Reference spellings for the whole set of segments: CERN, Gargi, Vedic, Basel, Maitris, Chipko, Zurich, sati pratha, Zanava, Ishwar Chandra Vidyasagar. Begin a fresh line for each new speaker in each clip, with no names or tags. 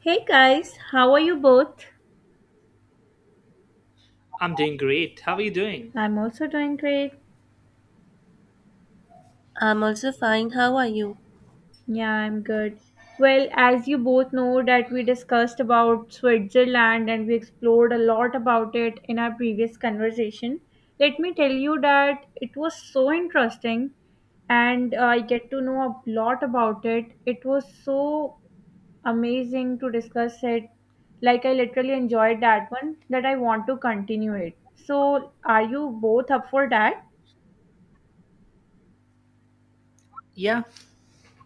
Hey guys, how are you both?
I'm doing great. How are you doing?
I'm also doing great.
I'm also fine. How are you?
Yeah, I'm good. Well, as you both know that we discussed about Switzerland and we explored a lot about it in our previous conversation. Let me tell you that it was so interesting and I get to know a lot about it. It was so amazing to discuss it. Like I literally enjoyed that one that I want to continue it. So, are you both up for that?
Yeah,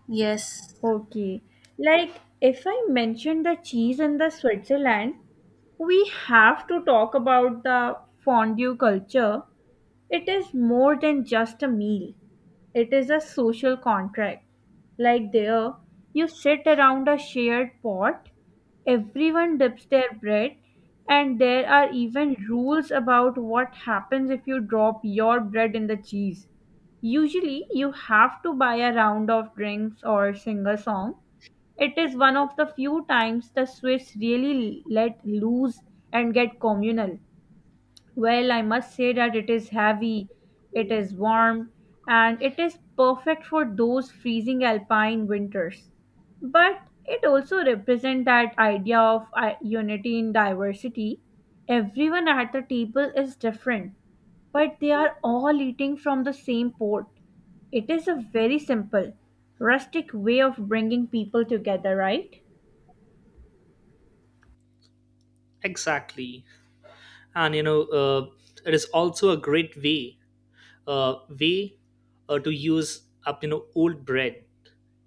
Yes.
Okay. Like, if I mention the cheese in the Switzerland, we have to talk about the fondue culture. It is more than just a meal. It is a social contract. Like there, you sit around a shared pot, everyone dips their bread, and there are even rules about what happens if you drop your bread in the cheese. Usually, you have to buy a round of drinks or sing a song. It is one of the few times the Swiss really let loose and get communal. Well, I must say that it is heavy, it is warm, and it is perfect for those freezing alpine winters. But it also represents that idea of unity in diversity. Everyone at the table is different, but they are all eating from the same pot. It is a very simple, rustic way of bringing people together, right?
exactly. And you know, it is also a great way to use up you know old bread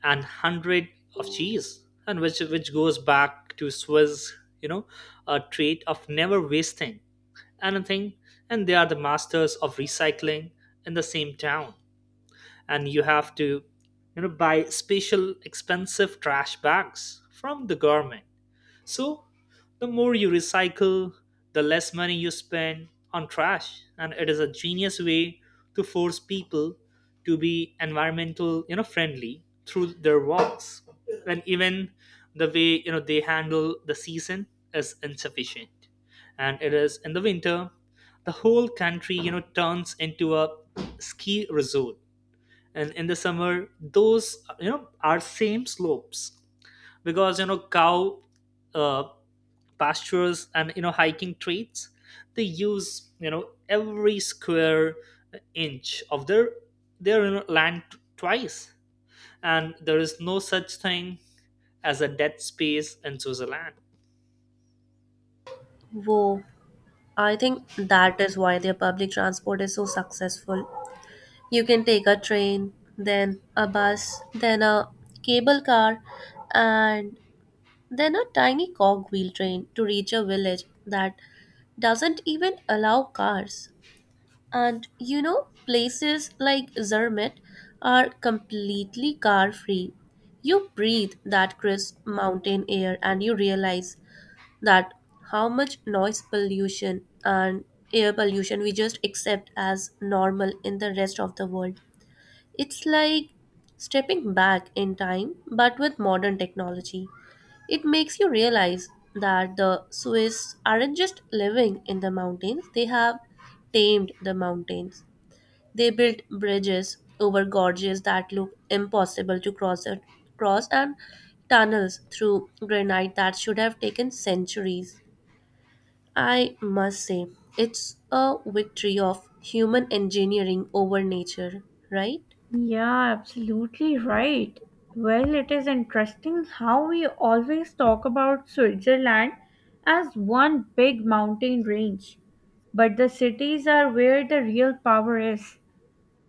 and hundred of cheese, and which goes back to Swiss, you know, a trait of never wasting anything, and they are the masters of recycling in the same town. And you have to, you know, buy special expensive trash bags from the government. So, the more you recycle, the less money you spend on trash, and it is a genius way to force people to be environmental, you know, friendly through their walks. And even the way you know they handle the season is insufficient. And it is in the winter, the whole country, you know, turns into a ski resort. And in the summer, those you know are same slopes because you know cow uh, pastures and you know hiking trails they use you know every square inch of their you know, land twice, and there is no such thing as a dead space in Switzerland.
Whoa. I think that is why their public transport is so successful. You can take a train, then a bus, then a cable car, and then a tiny cogwheel train to reach a village that doesn't even allow cars. And you know, places like Zermatt are completely car free. You breathe that crisp mountain air and you realize that how much noise pollution and air pollution we just accept as normal in the rest of the world. It's like stepping back in time, but with modern technology. It makes you realize that the Swiss aren't just living in the mountains, they have tamed the mountains. They built bridges over gorges that look impossible to cross and tunnels through granite that should have taken centuries. I must say, it's a victory of human engineering over nature, right?
Yeah, absolutely right. Well, it is interesting how we always talk about Switzerland as one big mountain range, but the cities are where the real power is.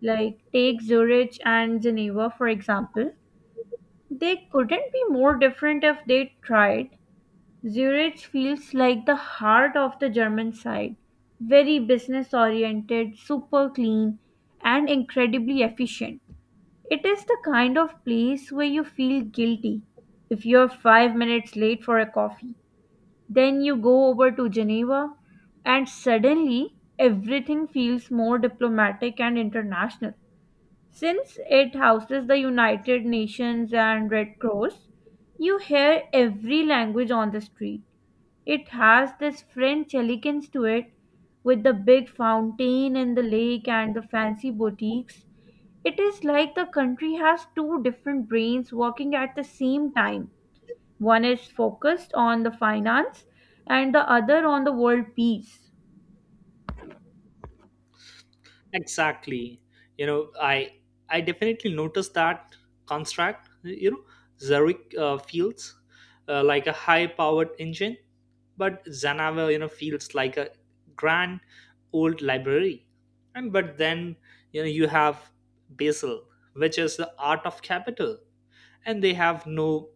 Like, take Zurich and Geneva, for example. They couldn't be more different if they tried. Zurich feels like the heart of the German side, very business oriented, super clean, and incredibly efficient. It is the kind of place where you feel guilty if you're 5 minutes late for a coffee. Then you go over to Geneva and suddenly everything feels more diplomatic and international. Since it houses the United Nations and Red Cross, you hear every language on the street. It has this French elegance to it, with the big fountain and the lake and the fancy boutiques. It is like the country has two different brains working at the same time. One is focused on the finance and the other on the world peace.
Exactly. You know, I definitely noticed that construct. You know, Zurich feels like a high-powered engine, but Zanava, you know, feels like a grand old library. And but then you know you have Basel, which is the art of capital, and they have no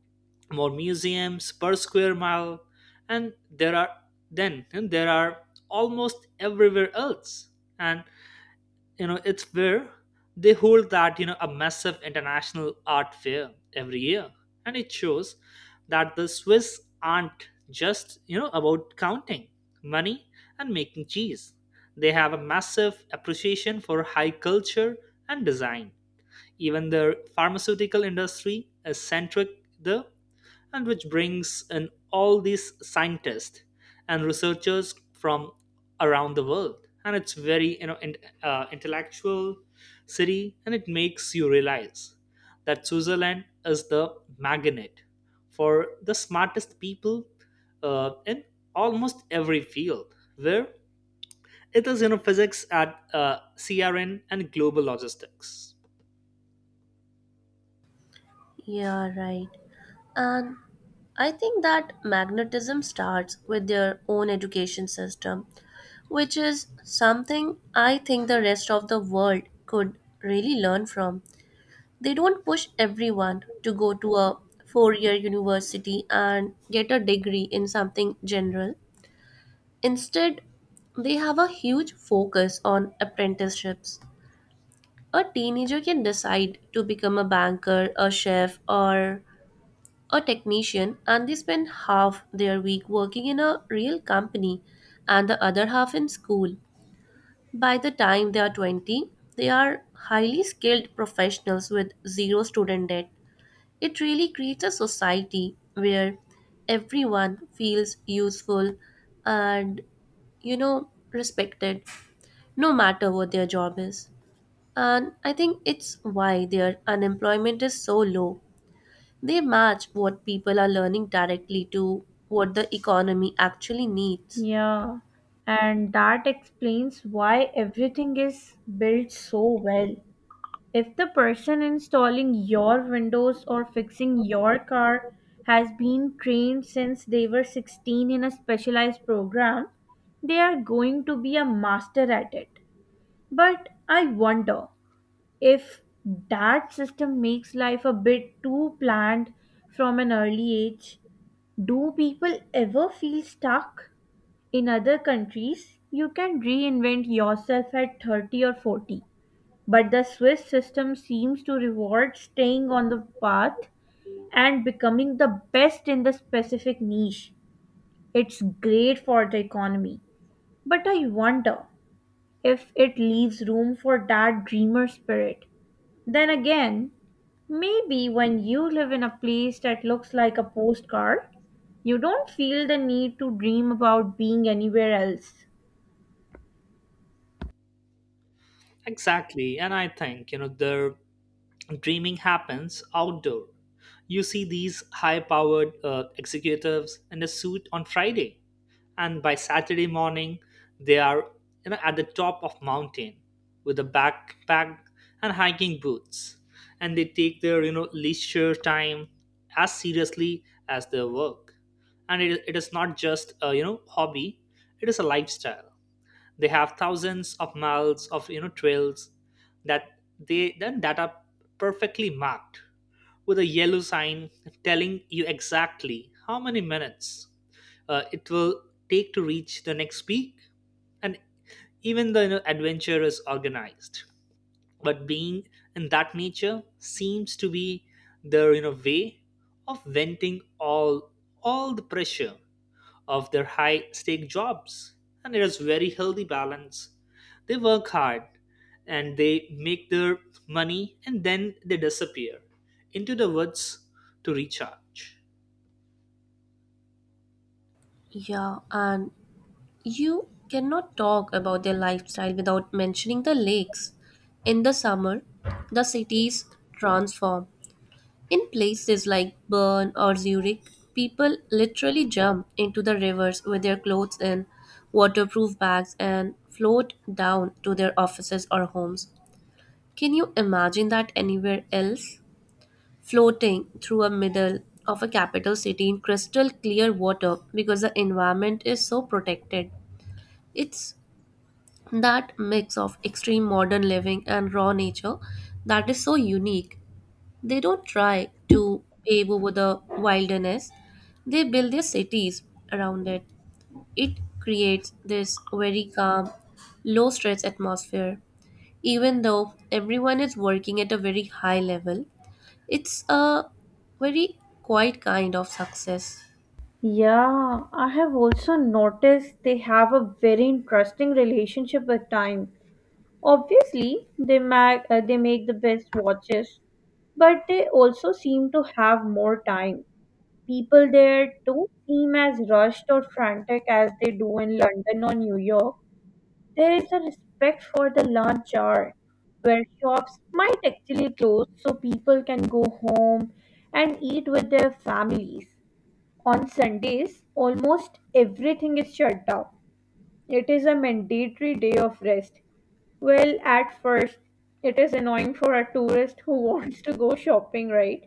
more museums per square mile, and there are almost everywhere else. And you know it's where they hold that you know a massive international art fair every year, and it shows that the Swiss aren't just you know about counting money and making cheese. They have a massive appreciation for high culture and design. Even their pharmaceutical industry is centric, the and which brings in all these scientists and researchers from around the world, and it's very you know intellectual city, and it makes you realize that Switzerland is the magnet for the smartest people in almost every field where it is you know physics at CRN and global logistics.
Yeah, right. And I think that magnetism starts with their own education system, which is something I think the rest of the world could really learn from. They don't push everyone to go to a 4-year university and get a degree in something general. Instead, they have a huge focus on apprenticeships. A teenager can decide to become a banker, a chef, or a technician, and they spend half their week working in a real company and the other half in school. By the time they are 20, they are highly skilled professionals with zero student debt. It really creates a society where everyone feels useful and, respected. No matter what their job is. And I think it's why their unemployment is so low. They match what people are learning directly to what the economy actually needs.
Yeah, and that explains why everything is built so well. If the person installing your windows or fixing your car has been trained since they were 16 in a specialized program, they are going to be a master at it. But I wonder if that system makes life a bit too planned from an early age. Do people ever feel stuck? In other countries, you can reinvent yourself at 30 or 40. But the Swiss system seems to reward staying on the path and becoming the best in the specific niche. It's great for the economy, but I wonder if it leaves room for that dreamer spirit. Then again, maybe when you live in a place that looks like a postcard, you don't feel the need to dream about being anywhere else.
Exactly, and I think you know there dreaming happens outdoor. You see these high powered executives in a suit on Friday, and by Saturday morning, they are you know at the top of mountain with a backpack and hiking boots, and they take their you know leisure time as seriously as their work. And it is not just a you know hobby; it is a lifestyle. They have thousands of miles of you know trails that they then that are perfectly marked with a yellow sign telling you exactly how many minutes it will take to reach the next peak, and even the you know adventure is organized, but being in that nature seems to be their you know way of venting all the pressure of their high stake jobs. And it is very healthy balance. They work hard, and they make their money, and then they disappear into the woods to recharge.
Yeah, and you cannot talk about their lifestyle without mentioning the lakes. In the summer, the cities transform. In places like Bern or Zurich, people literally jump into the rivers with their clothes in waterproof bags and float down to their offices or homes. Can you imagine that anywhere else? Floating through a middle of a capital city in crystal clear water because the environment is so protected. It's that mix of extreme modern living and raw nature that is so unique. They don't try to pave over the wilderness, they build their cities around it. It creates this very calm, low stress atmosphere. Even though everyone is working at a very high level, it's a very quiet kind of success.
Yeah, I have also noticed they have a very interesting relationship with time. Obviously, they they make the best watches, but they also seem to have more time. People there don't seem as rushed or frantic as they do in London or New York. There is a respect for the lunch hour, where shops might actually close so people can go home and eat with their families. On Sundays, almost everything is shut down. It is a mandatory day of rest. Well, at first, it is annoying for a tourist who wants to go shopping, right?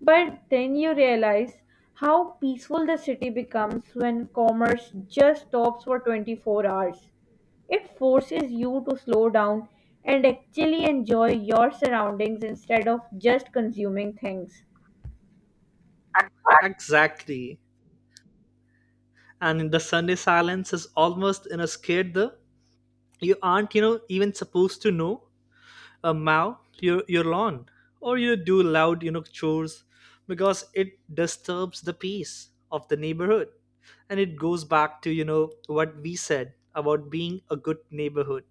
But then you realize how peaceful the city becomes when commerce just stops for 24 hours. It forces you to slow down and actually enjoy your surroundings instead of just consuming things.
Exactly, and the Sunday silence is almost in a scared. The you aren't you know even supposed to know, mow your lawn or you do loud you know chores, because it disturbs the peace of the neighborhood. And it goes back to you know what we said about being a good neighborhood,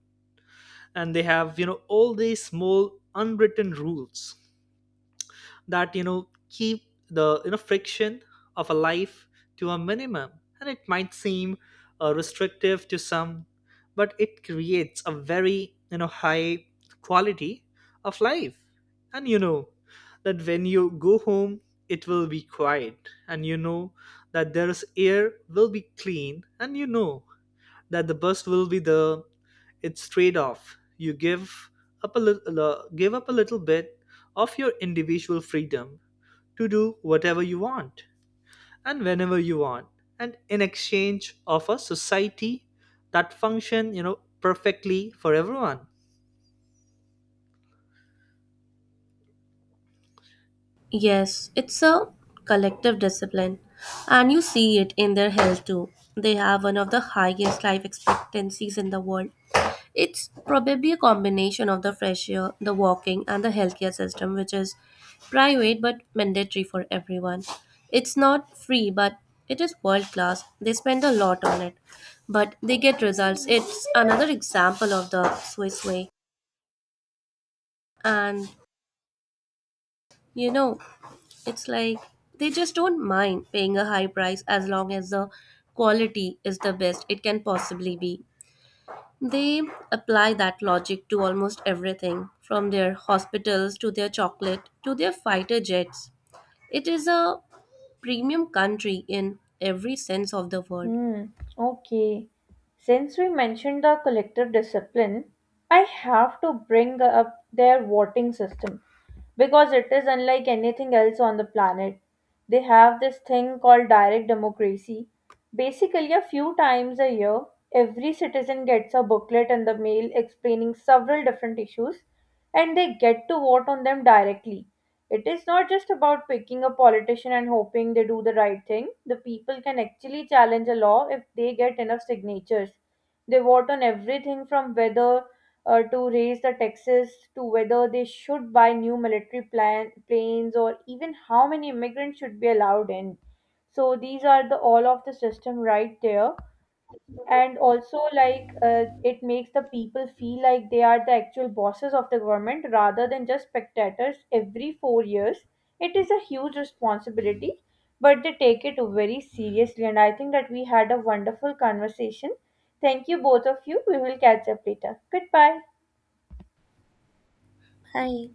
and they have you know all these small unwritten rules that you know keep the you know friction of a life to a minimum. And it might seem restrictive to some, but it creates a very you know high quality of life, and you know that when you go home it will be quiet, and you know that there's air will be clean, and you know that the bust will be there. It's trade-off. You give up a little, give up a little bit of your individual freedom to do whatever you want and whenever you want, and in exchange of a society that function, you know, perfectly for everyone.
Yes, it's a collective discipline, and you see it in their health too. They have one of the highest life expectancies in the world. It's probably a combination of the fresh air, the walking, and the healthcare system, which is private but mandatory for everyone. It's not free, but it is world class. They spend a lot on it, but they get results. It's another example of the Swiss way. And you know, it's like they just don't mind paying a high price as long as the quality is the best it can possibly be. They apply that logic to almost everything, from their hospitals to their chocolate to their fighter jets. It is a premium country in every sense of the word.
Hmm, okay. Since we mentioned the collective discipline, I have to bring up their voting system because it is unlike anything else on the planet. They have this thing called direct democracy. Basically, a few times a year, every citizen gets a booklet in the mail explaining several different issues and they get to vote on them directly. It is not just about picking a politician and hoping they do the right thing. The people can actually challenge a law if they get enough signatures. They vote on everything from whether to raise the taxes to whether they should buy new military planes or even how many immigrants should be allowed in. So these are the all of the system right there, and also it makes the people feel like they are the actual bosses of the government rather than just spectators every 4 years. It is a huge responsibility, but they take it very seriously, and I think that we had a wonderful conversation. Thank you both of you. We will catch up later. Goodbye.
Hi.